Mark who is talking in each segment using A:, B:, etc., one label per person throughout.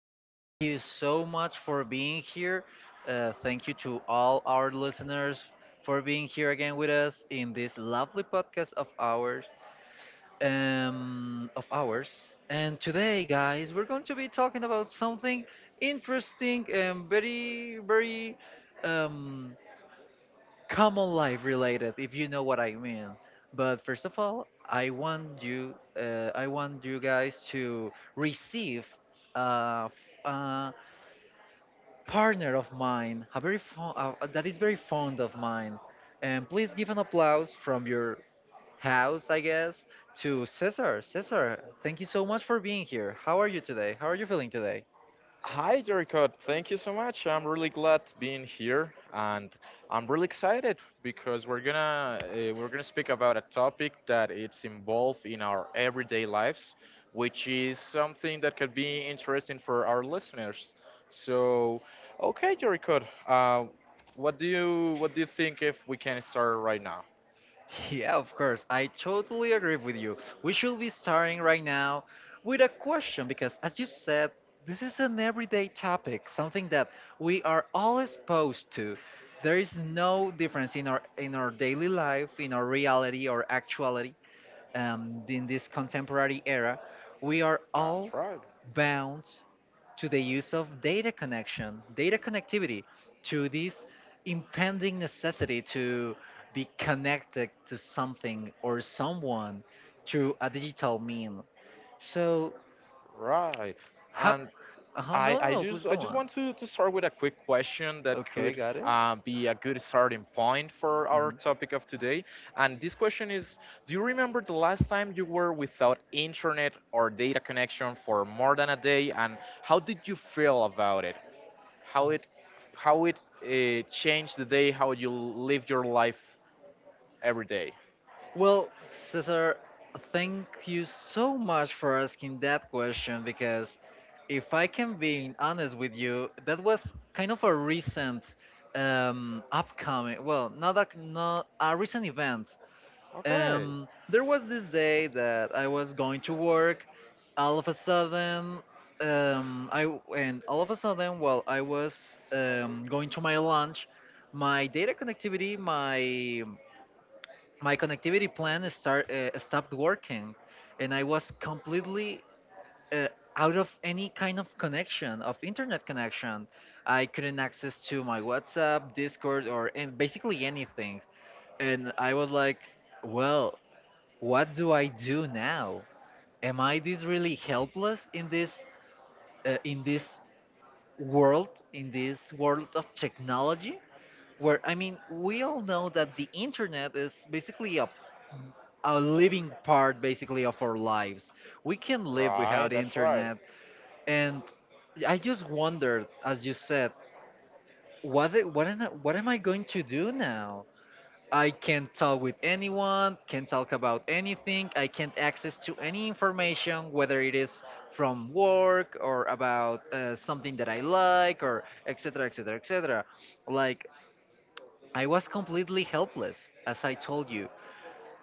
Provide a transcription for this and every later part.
A: Thank you so much for being here. Thank you to all our listeners for being here again with us in this lovely podcast of ours. And today, guys, we're going to be talking about something interesting and very, very, um, common life related, if you know what I mean. But first of all, I want you guys to receive a partner of mine, a very fo- that is very fond of mine. And please give an applause from your house, I guess, to Cesar. Cesar, thank you so much for being here. How are you today? How are you feeling today?
B: Hi, Jericho. Thank you so much. I'm really glad being here, and I'm really excited because we're gonna speak about a topic that it's involved in our everyday lives, which is something that could be interesting for our listeners. So, okay, Jericho. Uh, what do you what do you think if we can start right now?
A: Yeah, of course. I totally agree with you. We should be starting right now with a question because, as you said, this is an everyday topic, something that we are all exposed to. There is no difference in our daily life, in our reality or actuality. In this contemporary era, we are all
B: That's right,
A: bound to the use of data connection, data connectivity, to this impending necessity to be connected to something or someone through a digital mean. So,
B: right.
A: hap-
B: And I,
A: no, no,
B: I
A: no, please
B: just I
A: go
B: just
A: on.
B: want to start with a quick question that
A: Okay,
B: could
A: got it.
B: be a good starting point for our
A: Mhm.
B: topic of today. And this question is: Do you remember the last time you were without internet or data connection for more than a day, and how did you feel about it? How it how it changed the day, how you live your life every day?
A: Well, Cesar, thank you so much for asking that question, because if I can be honest with you, that was kind of a recent upcoming, well, not a recent event.
B: Okay.
A: There was this day that I was going to work. All of a sudden, I w- and all of a sudden, while I was going to my lunch, my data connectivity, my connectivity plan start stopped working, and I was completely uh, out of any kind of connection of internet connection. I couldn't access to my WhatsApp, Discord, or and basically anything. And I was like, well, what do I do now? Am I this really helpless in this uh, in this world, of technology, where, I mean, we all know that the internet is basically a living part basically of our lives. We can live
B: Right,
A: without
B: that's right.
A: internet, and I just wondered, as you said, what I- what am I, what am I going to do now? I can't talk with anyone, can't talk about anything. I can't access to any information, whether it is from work or about something that I like, or et cetera, et cetera, et cetera. Like, I was completely helpless, as I told you.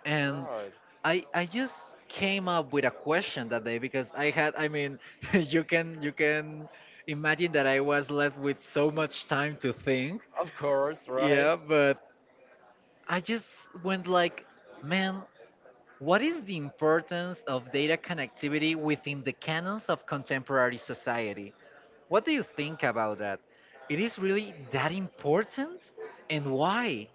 A: And
B: Right.
A: I just came up with a question that day because I had, I mean, you can, imagine that I was left with so much time to think.
B: Of course, right?
A: Yeah, but I just went like, man, what is the importance of data connectivity within the canons of contemporary society? What do you think about that? It is really that important? And why?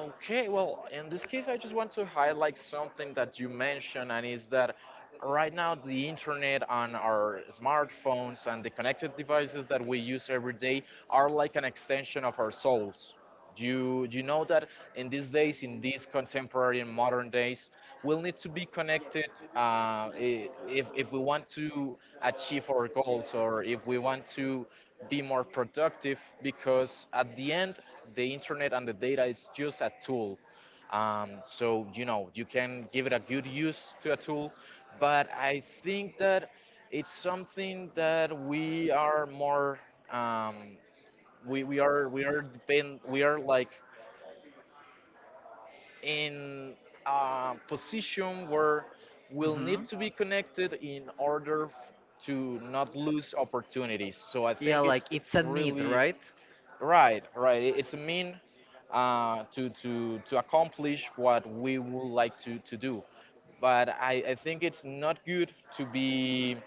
B: Okay, well, in this case, I just want to highlight something that you mentioned, and is that right now the internet on our smartphones and the connected devices that we use every day are like an extension of our souls. You know that in these days, in these contemporary and modern days, we'll need to be connected if we want to achieve our goals or if we want to be more productive because at the end the internet and the data is just a tool, so you know you can give it a good use to a tool. But I think that it's something that we are more, um, we are like in a position where we'll need
A: Hmm.
B: to be connected in order to not lose opportunities. So I
A: Yeah,
B: think
A: like
B: it's
A: it's
B: it's
A: a need,
B: really
A: right?
B: right, right. It's a mean to accomplish what we would like to do, but I think it's not good to be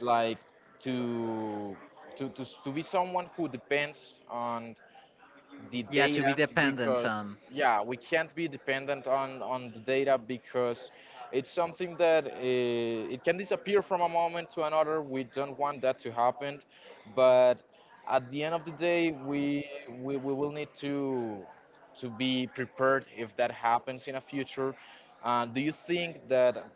B: like to to be someone who depends on the
A: Yeah, to
B: data,
A: be dependent
B: because
A: on.
B: yeah, we can't be dependent on the data, because it's something that, it can disappear from a moment to another. We don't want that to happen, but at the end of the day, we will need to be prepared if that happens in a future. Do you think that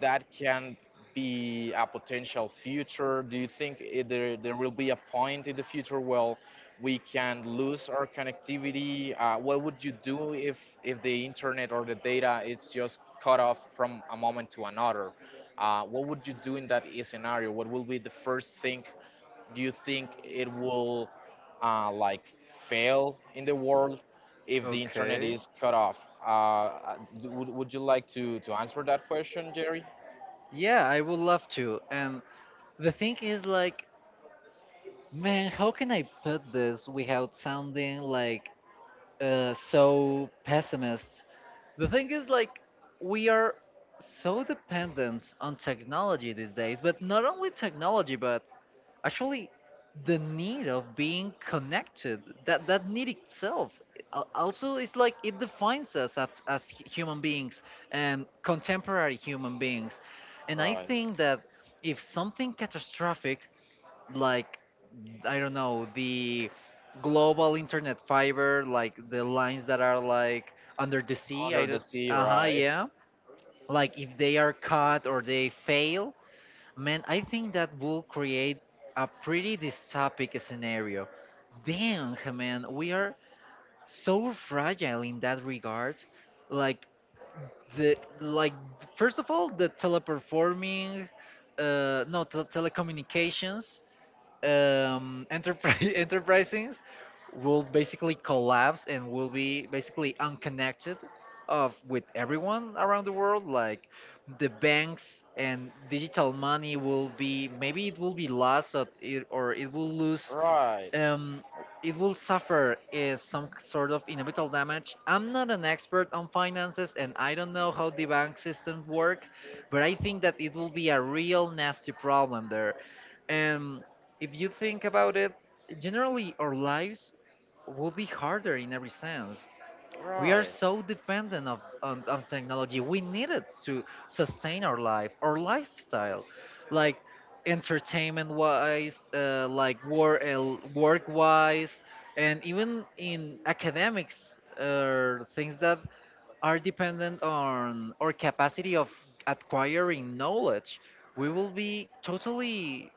B: that can be a potential future? Do you think there will be a point in the future where we can lose our connectivity? What would you do if, the internet or the data is just cut off from a moment to another? What would you do in that scenario? What will be the first thing you think it will, like, fail in the world if the internet
A: Okay.
B: is cut off? Would you like to answer that question, Jerry?
A: Yeah, I would love to. And the thing is, like, man, how can I put this without sounding like so pessimist. The thing is, like, we are so dependent on technology these days, but not only technology, but actually the need of being connected. That need itself also, it's like, it defines us as, human beings, and contemporary human beings. And I
B: Right.
A: think that if something catastrophic, like, I don't know, the global internet fiber, like the lines that are like under the sea.
B: Under
A: I
B: the
A: don't.
B: sea,
A: Uh huh.
B: right?
A: Yeah. Like, if they are cut or they fail, man, I think that will create a pretty dystopic scenario. Dang, man, we are so fragile in that regard. Like, the like first of all, the teleperforming, no te- telecommunications enterprise enterprises will basically collapse and will be basically unconnected of with everyone around the world. Like, the banks and digital money will be, maybe it will be lost, or it will lose
B: Right.
A: um, it will suffer is some sort of inevitable damage. I'm not an expert on finances and I don't know how the bank systems work, but I think that it will be a real nasty problem there. And if you think about it, generally our lives would be harder in every sense. We are
B: Right.
A: so dependent of, on technology. We need it to sustain our life, our lifestyle, like entertainment wise, like work, work wise, and even in academics, things that are dependent on our capacity of acquiring knowledge. We will be totally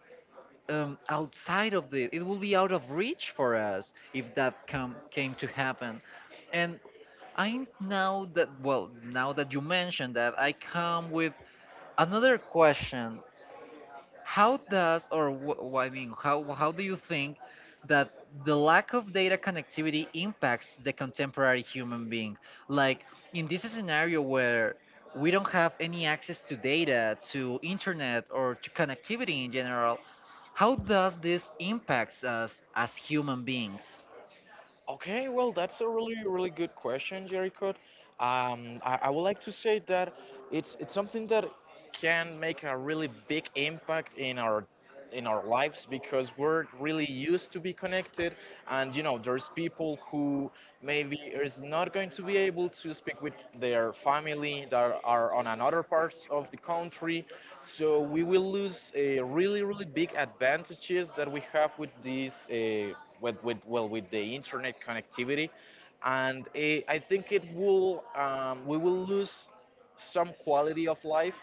A: outside of the it will be out of reach for us if that come came to happen. And I now that well, now that you mentioned that, I come with another question. How does, or I mean, how do you think that the lack of data connectivity impacts the contemporary human being? Like, in this scenario where we don't have any access to data, to internet, or to connectivity in general, how does this impacts us as human beings?
B: Okay, well, that's a really, really good question, Jericho. I would like to say that it's something that can make a really big impact in our lives, because we're really used to be connected. And there's people who maybe is not going to be able to speak with their family that are on another parts of the country. So we will lose, really, really big advantages that we have with this, with well, with the internet connectivity. And I think it will, we will lose some quality of life,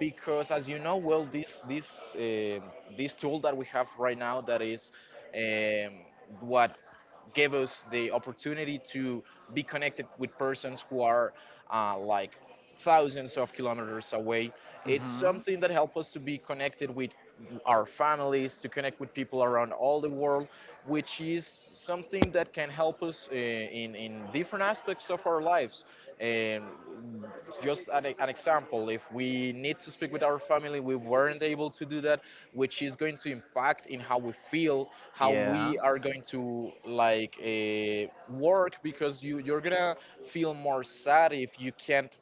B: because, as you know, well, um this tool that we have right now that is, um, what gave us the opportunity to be connected with persons who are, like, thousands of kilometers away. It's
A: Mm-hmm.
B: something that helps us to be connected with our families, to connect with people around all the world, which is something that can help us, in different aspects of our lives. And just an example, if we need to speak with our family, we weren't able to do that, which is going to impact in how we feel, how
A: Yeah.
B: we are going to, like, work, because you're gonna feel more sad if you can't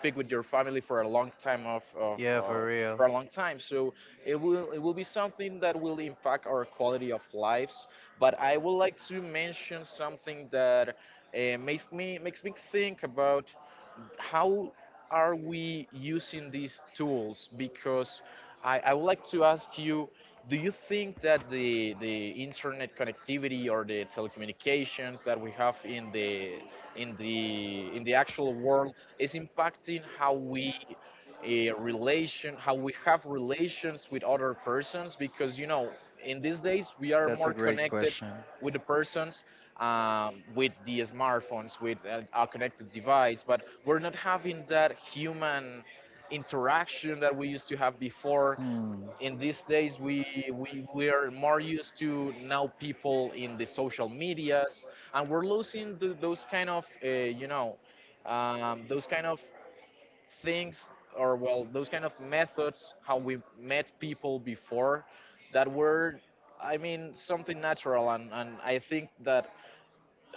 B: speak with your family for a long time of uh,
A: Yeah, for real.
B: so it will be something that will impact our quality of lives. But I would like to mention something that, makes me think about how are we using these tools. Because I would like to ask you, do you think that the internet connectivity or the telecommunications that we have in the actual world is impacting how we have relations with other persons? Because in these days we are more
A: Connected
B: connected
A: question.
B: with the persons, with the smartphones, with a connected device, but we're not having that human interaction that we used to have before. In these days we are more used to now people in the social medias, and we're losing those kind of, those kind of things, or, well, those kind of methods how we met people before, that were, I mean, something natural. And I think that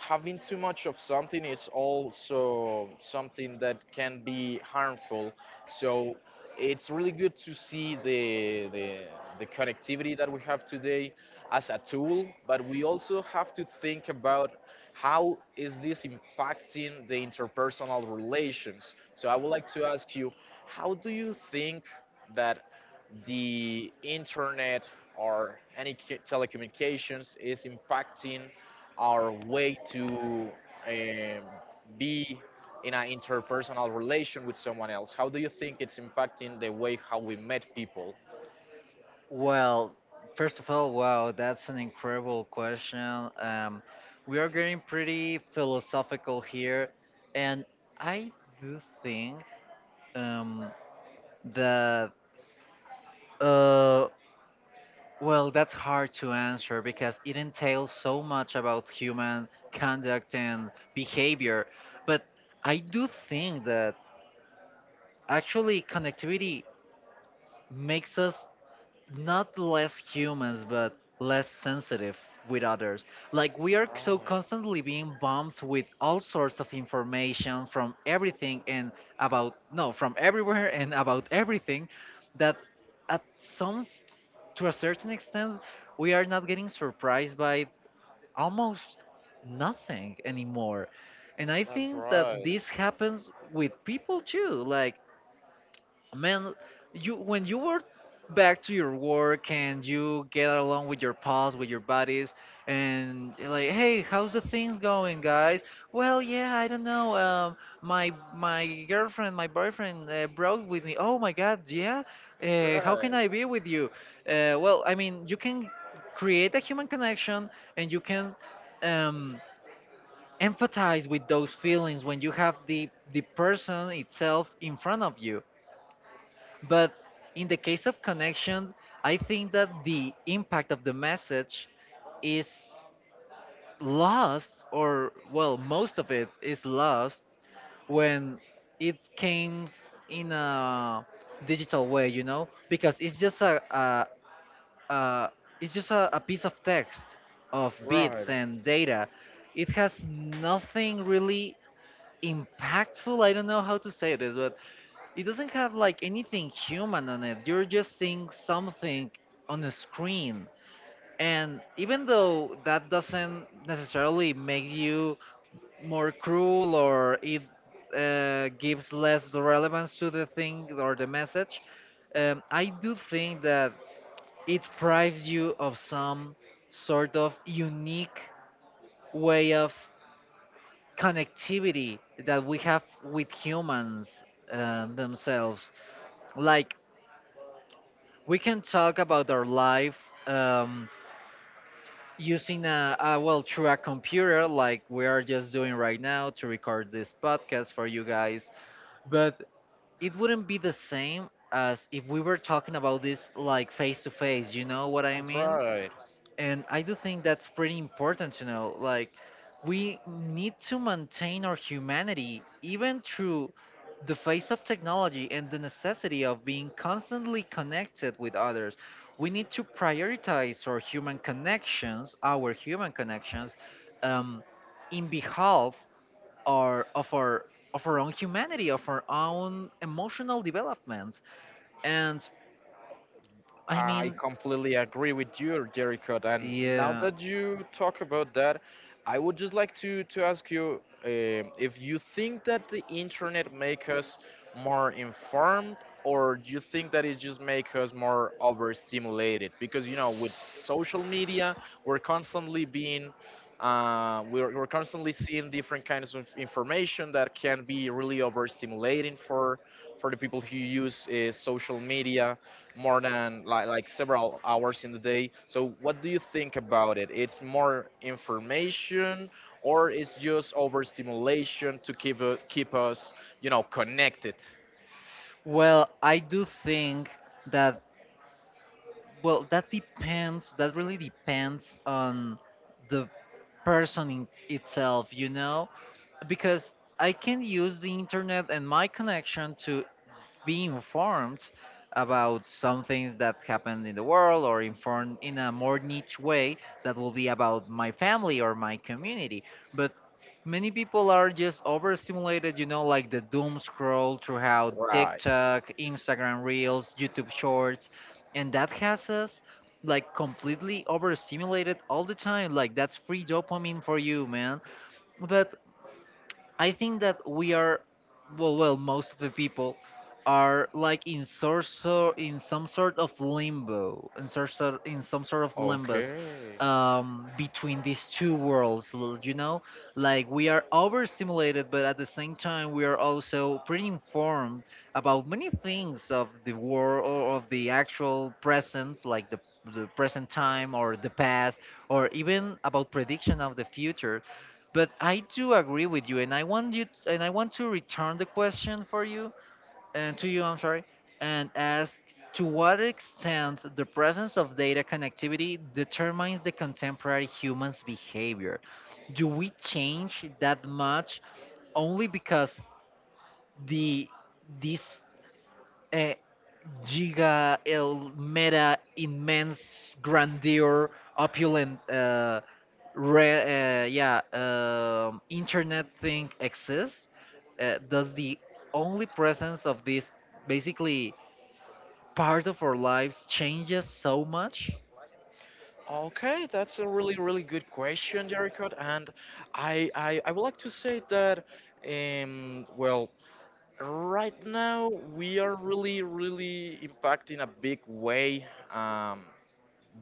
B: having too much of something is also something that can be harmful. So it's really good to see the connectivity that we have today as a tool, but we also have to think about how is this impacting the interpersonal relations. So I would like to ask you, how do you think that the internet or any telecommunications is impacting our way to, um, be in an interpersonal relation with someone else? How do you think it's impacting the way how we met people?
A: Well, first of all, wow, that's an incredible question. We are getting pretty philosophical here, and I do think um, that uh, well, that's hard to answer because it entails so much about human conduct and behavior. But I do think that actually connectivity makes us not less humans but less sensitive with others. Like, we are so
B: Right.
A: constantly being bombed with all sorts of information from everything and about no from everywhere and about everything that at to a certain extent we are not getting surprised by almost nothing anymore. And I
B: That's
A: think that
B: right.
A: this happens with people too. Like, man, you when you were back to your work and you get along with your pals, with your buddies, and you're like, hey, how's the things going, guys? Well, yeah, I don't know, my girlfriend, my boyfriend broke with me. Oh my god. Yeah, how can
B: Right,
A: I be with you? Well, I mean, you can create a human connection, and you can um empathize with those feelings when you have the person itself in front of you. But in the case of connection, I think that the impact of the message is lost, or, well, most of it is lost when it comes in a digital way, you know, because it's just a, it's just a piece of text, of
B: right.
A: bits and data. It has nothing really impactful. I don't know how to say this, but it doesn't have like anything human on it. You're just seeing something on the screen. And even though that doesn't necessarily make you more cruel, or it gives less relevance to the thing or the message, I do think that it prives you of some sort of unique way of connectivity that we have with humans themselves. Like, we can talk about our life um, using a well through a computer, like we are just doing right now to record this podcast for you guys, but it wouldn't be the same as if we were talking about this like face to face, you know what I
B: That's
A: mean?
B: right.
A: And I do think that's pretty important to know. Like, we need to maintain our humanity even through the face of technology and the necessity of being constantly connected with others. We need to prioritize our human connections, um, in behalf or of our own humanity, of our own emotional development. And I
B: I
A: mean,
B: completely agree with you, Jericho. And now
A: yeah.
B: that you talk about that, I would just like to ask you if you think that the internet make us more informed, or do you think that it just make us more overstimulated? Because with social media, we're constantly we're constantly seeing different kinds of information that can be really overstimulating for the people who use, social media more than, like several hours in the day. So what do you think about it? It's more information, or it's just overstimulation to keep us, connected?
A: Well, I do think that, that depends, that really depends on the person in itself, you know? Because I can use the internet and my connection to be informed about some things that happened in the world, or informed in a more niche way, that will be about my family or my community. But many people are just overstimulated, you know, like the doom scroll throughout
B: Right.
A: TikTok, Instagram Reels, YouTube Shorts, and that has us like completely overstimulated all the time. Like, that's free dopamine for you, man. But I think that we are, most of the people are like in sort so in some sort of limbo, in sort sort in some sort of limbus
B: Okay.
A: between these two worlds. You know, like, we are overstimulated, but at the same time we are also pretty informed about many things of the world, or of the actual present, like the present time, or the past, or even about prediction of the future. But I do agree with you, and I want to return the question for you and to you. I'm sorry, and ask to what extent the presence of data connectivity determines the contemporary human's behavior. Do we change that much only because the this uh, giga el meta immense grandeur opulent internet thing exists. Does the only presence of this basically part of our lives changes so much?
B: Okay, that's a really, really good question, Jericho. And I would like to say that, well, right now we are really, really impacting a big way. Um,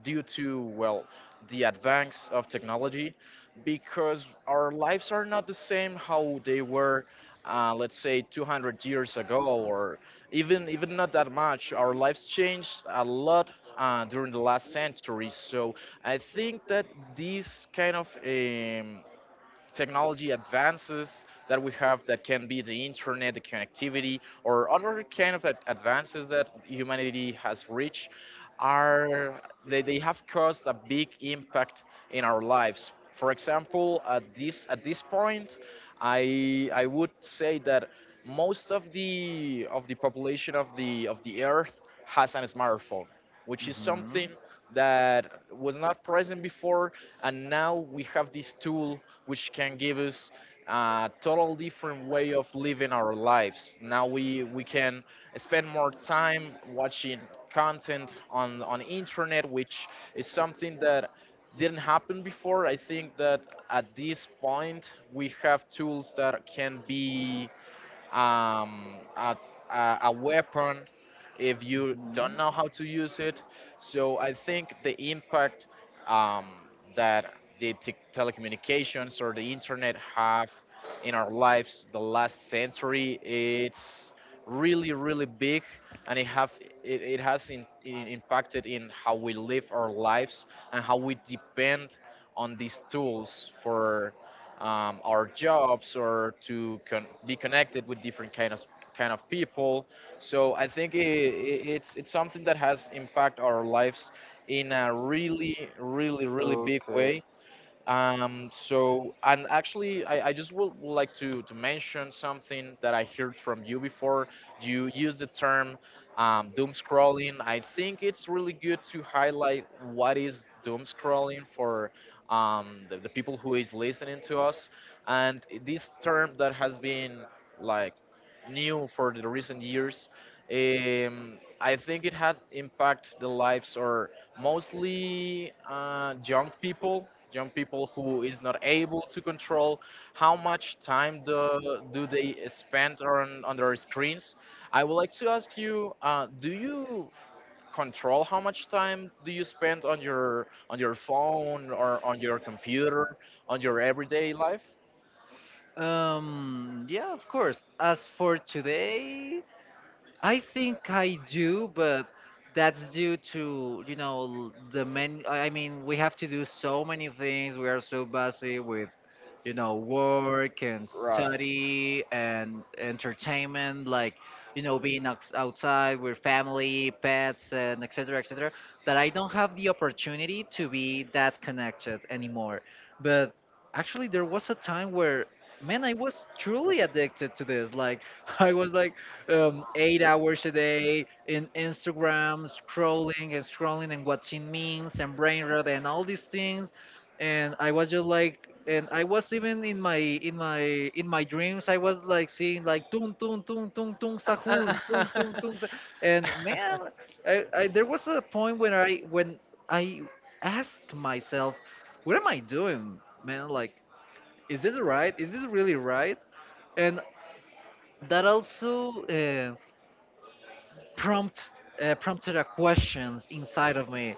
B: Due to, well, the advance of technology, because our lives are not the same how they were, let's say, 200 years ago, or even not that much. Our lives changed a lot. During the last century, so I think that this kind of, technology advances that we have, that can be the internet, the connectivity, or other kind of advances that humanity has reached, they have caused a big impact in our lives. For example, at this point, I would say that most of the, of the population of the earth has a smartphone, which is something that was not present before. And now we have this tool, which can give us a total different way of living our lives. Now we can spend more time watching content on internet, which is something that didn't happen before. I think that at this point we have tools that can be, um, a, a weapon if you don't
A: Mhm.
B: know how to use it. So I think the impact, um, that the telecommunications or the internet have in our lives the last century, it's really, really big. And it has impacted in how we live our lives, and how we depend on these tools for, our jobs, or to be connected with different kind of people. So I think it's something that has impact our lives in a really, really, really big
A: Okay.
B: way. So, and actually, I just would like to mention something that I heard from you before. You used the term, doom scrolling. I think it's really good to highlight what is doom scrolling for, the people who is listening to us. And this term that has been like new for the recent years, I think it had impact the lives or mostly young people who is not able to control how much time do they spend on their screens. I would like to ask you, do you control how much time do you spend on your phone or on your computer on your everyday life?
A: Yeah, of course. As for today, I think I do, but that's due to, you know, the men. I mean, we have to do so many things. We are so busy with, you know, work and
B: Right.
A: study and entertainment, like, you know, being outside with family, pets, and etc. etc., that I don't have the opportunity to be that connected anymore. But actually, there was a time where, man, I was truly addicted to this. Like, I was like, 8 hours a day in Instagram, scrolling and scrolling and watching memes and brain rot and all these things. And I was just like, and I was even in my dreams, I was like seeing like tung tung tung tung tung sahur tung tung tung, sa-" and man, I there was a point when I asked myself, what am I doing, man? Like, is this right? Is this really right? And that also. Prompt Prompted a questions inside of me,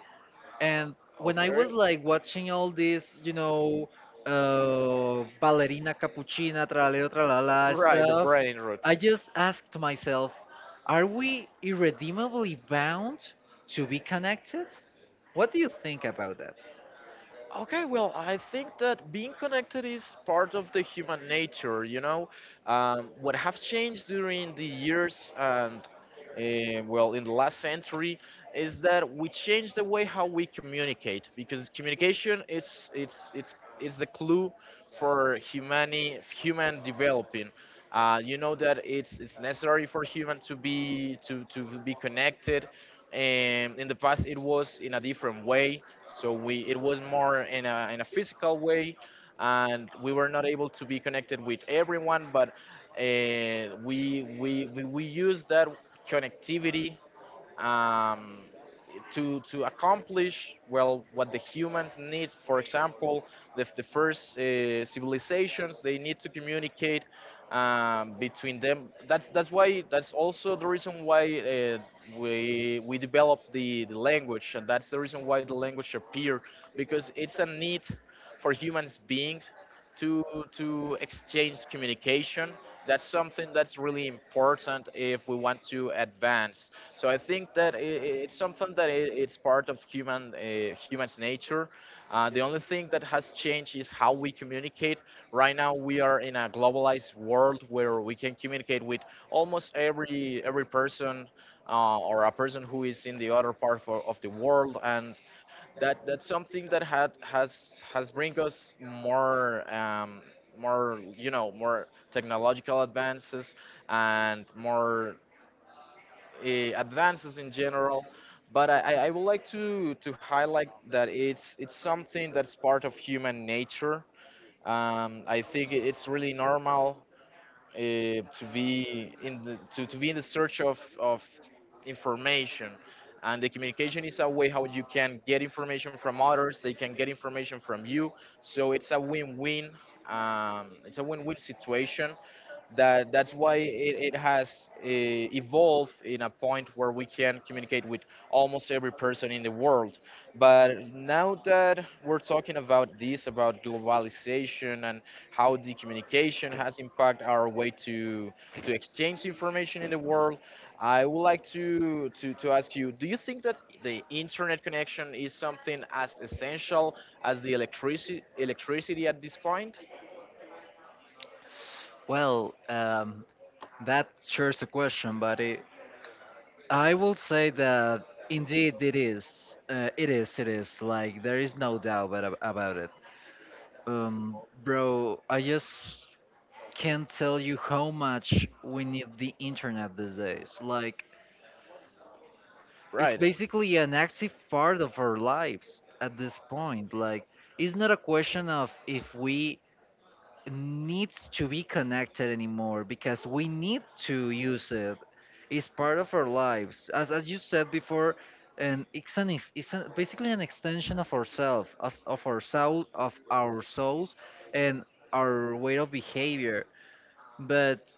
A: and when I
B: Okay.
A: was like watching all this, you know, ballerina cappuccina tralero tralala
B: Right, the
A: stuff,
B: brain root.
A: I just asked myself, are we irredeemably bound to be connected? What do you think about that?
B: Okay, well, I think that being connected is part of the human nature, you know. What have changed during the years, eh, well in the last century is that we change the way how we communicate because communication it's it's the clue for human developing. You know that it's necessary for human to be to be connected, and in the past it was in a different way, so we it was more in a physical way, and we were not able to be connected with everyone, but we use that connectivity um, to accomplish well what the humans need. For example, the first civilizations they need to communicate between them. That's why that's also the reason why we developed the language, and that's the reason why the language appeared because it's a need for humans being to to exchange communication. That's something that's really important if we want to advance. So I think that it's something that I it's part of human human's nature. The only thing that has changed is how we communicate. Right now we are in a globalized world where we can communicate with almost every person, or a person who is in the other part of the world. And that, that's something that had has bring us more, you know, more technological advances and more advances in general. But I would like to highlight that it's something that's part of human nature. I think it's really normal to be in the to be in the search of information. And the communication is a way how you can get information from others, they can get information from you. So it's a win-win, it's a win-win situation. That, that's why it has evolved in a point where we can communicate with almost every person in the world. But now that we're talking about this, about globalization and how the communication has impacted our way to exchange information in the world, I would like to ask you, do you think that the internet connection is something as essential as the electricity electricity at this point?
A: Well, that sure is a question, buddy. I will say that indeed it is. It is. It is. Like there is no doubt about it. Um, Bro, I just can't tell you how much we need the internet these days. Like it's
B: Right,
A: basically an active part of our lives at this point. Like it's not a question of if we needs to be connected anymore because we need to use it. It's part of our lives, as you said before, and it's an it's a, basically an extension of ourselves, of our soul, of our souls, and our way of behavior. But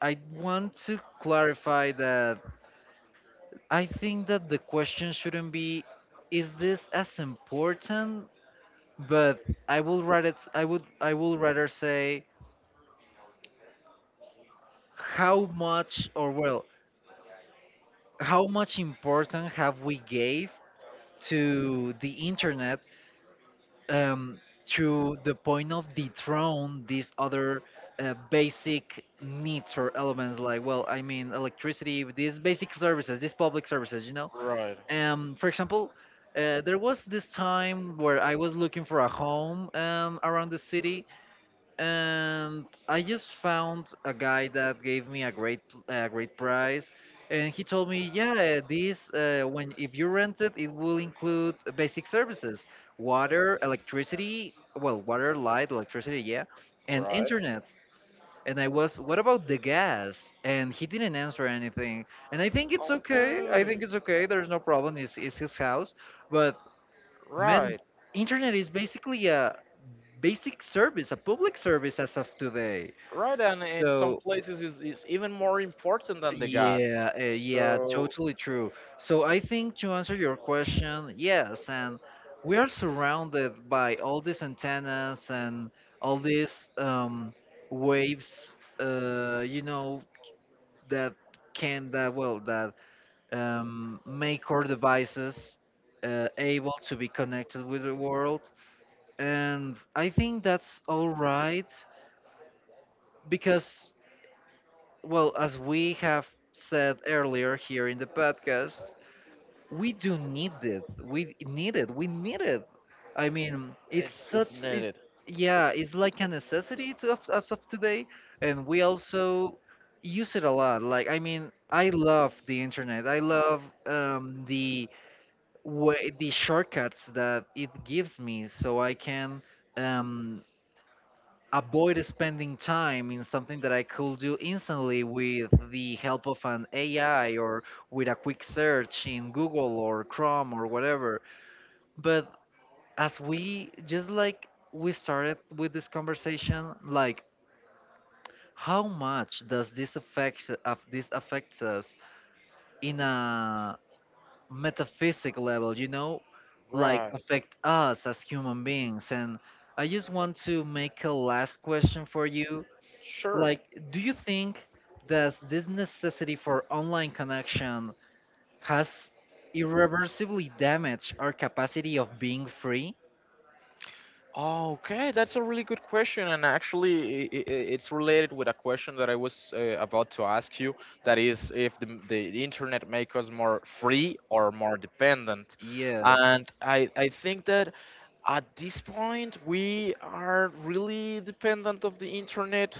A: I want to clarify that I think that the question shouldn't be, is this as important? But I would I would rather say how much, or well, how much important have we gave to the internet, um, to the point of dethrone these other basic needs or elements like, well, I mean, electricity, these basic services, these public services, you know.
B: right,
A: For example, there was this time where I was looking for a home around the city, and I just found a guy that gave me a great price, and he told me, yeah, this when if you rent it, it will include basic services, water, electricity, well, water, light, electricity, yeah, and
B: right.
A: internet. And I was, what about the gas? And he didn't answer anything. And I think it's okay. I
B: Okay,
A: think it's okay. There's no problem. It's his house. But man,
B: right,
A: internet is basically a basic service, a public service as of today.
B: right, and in some
A: So
B: places is even more important than the gas.
A: yeah, yeah,
B: So
A: totally true. So I think to answer your question, yes, and we are surrounded by all these antennas and all these waves, you know, that can that well that make our devices able to be connected with the world. And I think that's all right because, well, as we have said earlier here in the podcast, we do need it. We need it. We need it. I mean, it's
B: it's
A: such, it's,
B: needed.
A: yeah, it's like a necessity to as of today. And we also use it a lot. Like, I mean, I love the internet. I love the way, the shortcuts that it gives me so I can. Um, Avoid spending time in something that I could do instantly with the help of an AI or with a quick search in Google or Chrome or whatever. But as we just like we started with this conversation, like how much does this affects us in a metaphysic level, you know, like
B: Right.
A: affect us as human beings. And I just want to make a last question for you. Like,
B: Sure.
A: do you think, does this necessity for online connection has irreversibly damaged our capacity of being free?
B: Okay, that's a really good question, and actually, it's related with a question that I was about to ask you. That is, if the internet make us more free or more dependent,
A: Yes.
B: and I think that at this point, we are really dependent of the internet.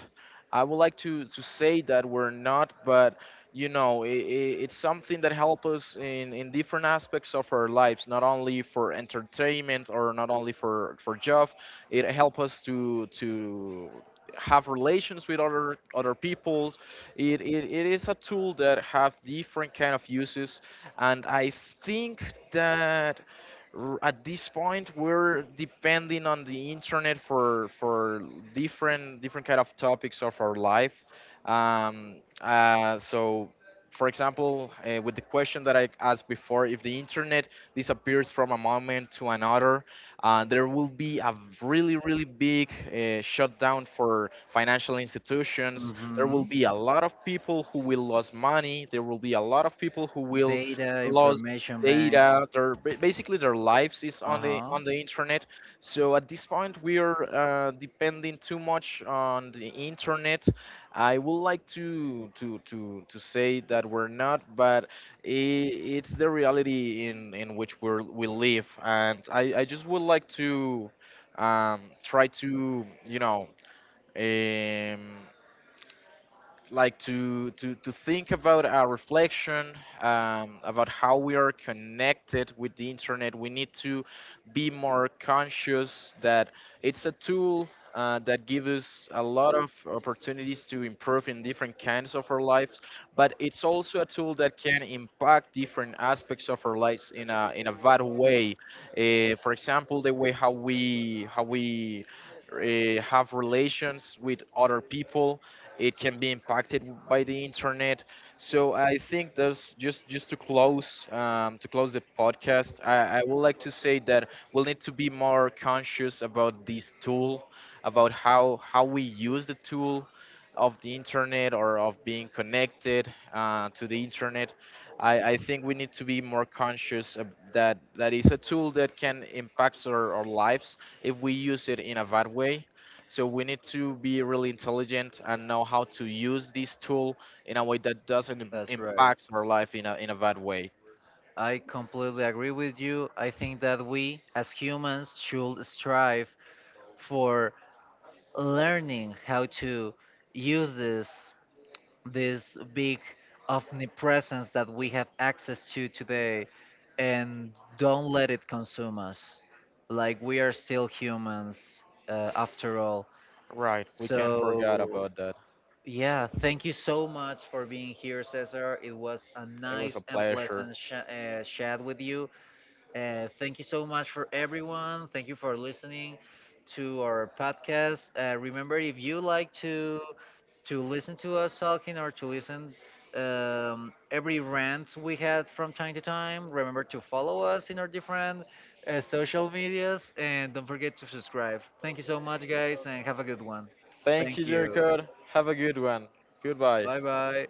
B: I would like to say that we're not, but you know, it's something that helps us in different aspects of our lives, not only for entertainment or not only for job. It helps us to have relations with other peoples. It is a tool that have different kind of uses, and I think that at this point we're depending on the internet for different kind of topics of our life. So for example, with the question that I asked before, if the internet disappears from a moment to another, there will be a really really big shutdown for financial institutions. There will
A: Hmm.
B: be a lot of people who will lose money, there will be a lot of people who will
A: Data,
B: lose
A: information banks.
B: data. Their basically their lives is
A: Uh huh.
B: on the internet. So at this point we are depending too much on the internet. I would like to say that we're not, but I it's the reality in which we live, and I just would like to try to, you know, um like to think about our reflection about how we are connected with the internet. We need to be more conscious that it's a tool that gives us a lot of opportunities to improve in different kinds of our lives, but it's also a tool that can impact different aspects of our lives in a bad way. For example, the way how we have relations with other people, it can be impacted by the internet. So I think that's just to close, to close the podcast, I would like to say that we'll need to be more conscious about this tool, about how we use the tool of the internet or of being connected to the internet. I think we need to be more conscious of that, that is a tool that can impact our lives if we use it in a bad way. So we need to be really intelligent and know how to use this tool in a way that doesn't
A: That's right.
B: impact our life in a bad way.
A: I completely agree with you. I think that we as humans should strive for learning how to use this this big omnipresence that we have access to today, and don't let it consume us. Like, we are still humans after all.
B: Right. We can't forget
A: So
B: about that.
A: yeah, thank you so much for being here, Cesar. It was a
B: It was a
A: nice and
B: pleasure.
A: pleasant chat with you. Thank you so much for everyone. Thank you for listening to our podcast. Remember, if you like to listen to us talking, or to listen every rant we had from time to time, remember to follow us in our different social medias, and don't forget to subscribe. Thank you so much, guys, and have a good one.
B: Thank
A: Thank
B: you,
A: you.
B: Jericho. Have a good one. Goodbye.
A: Bye bye.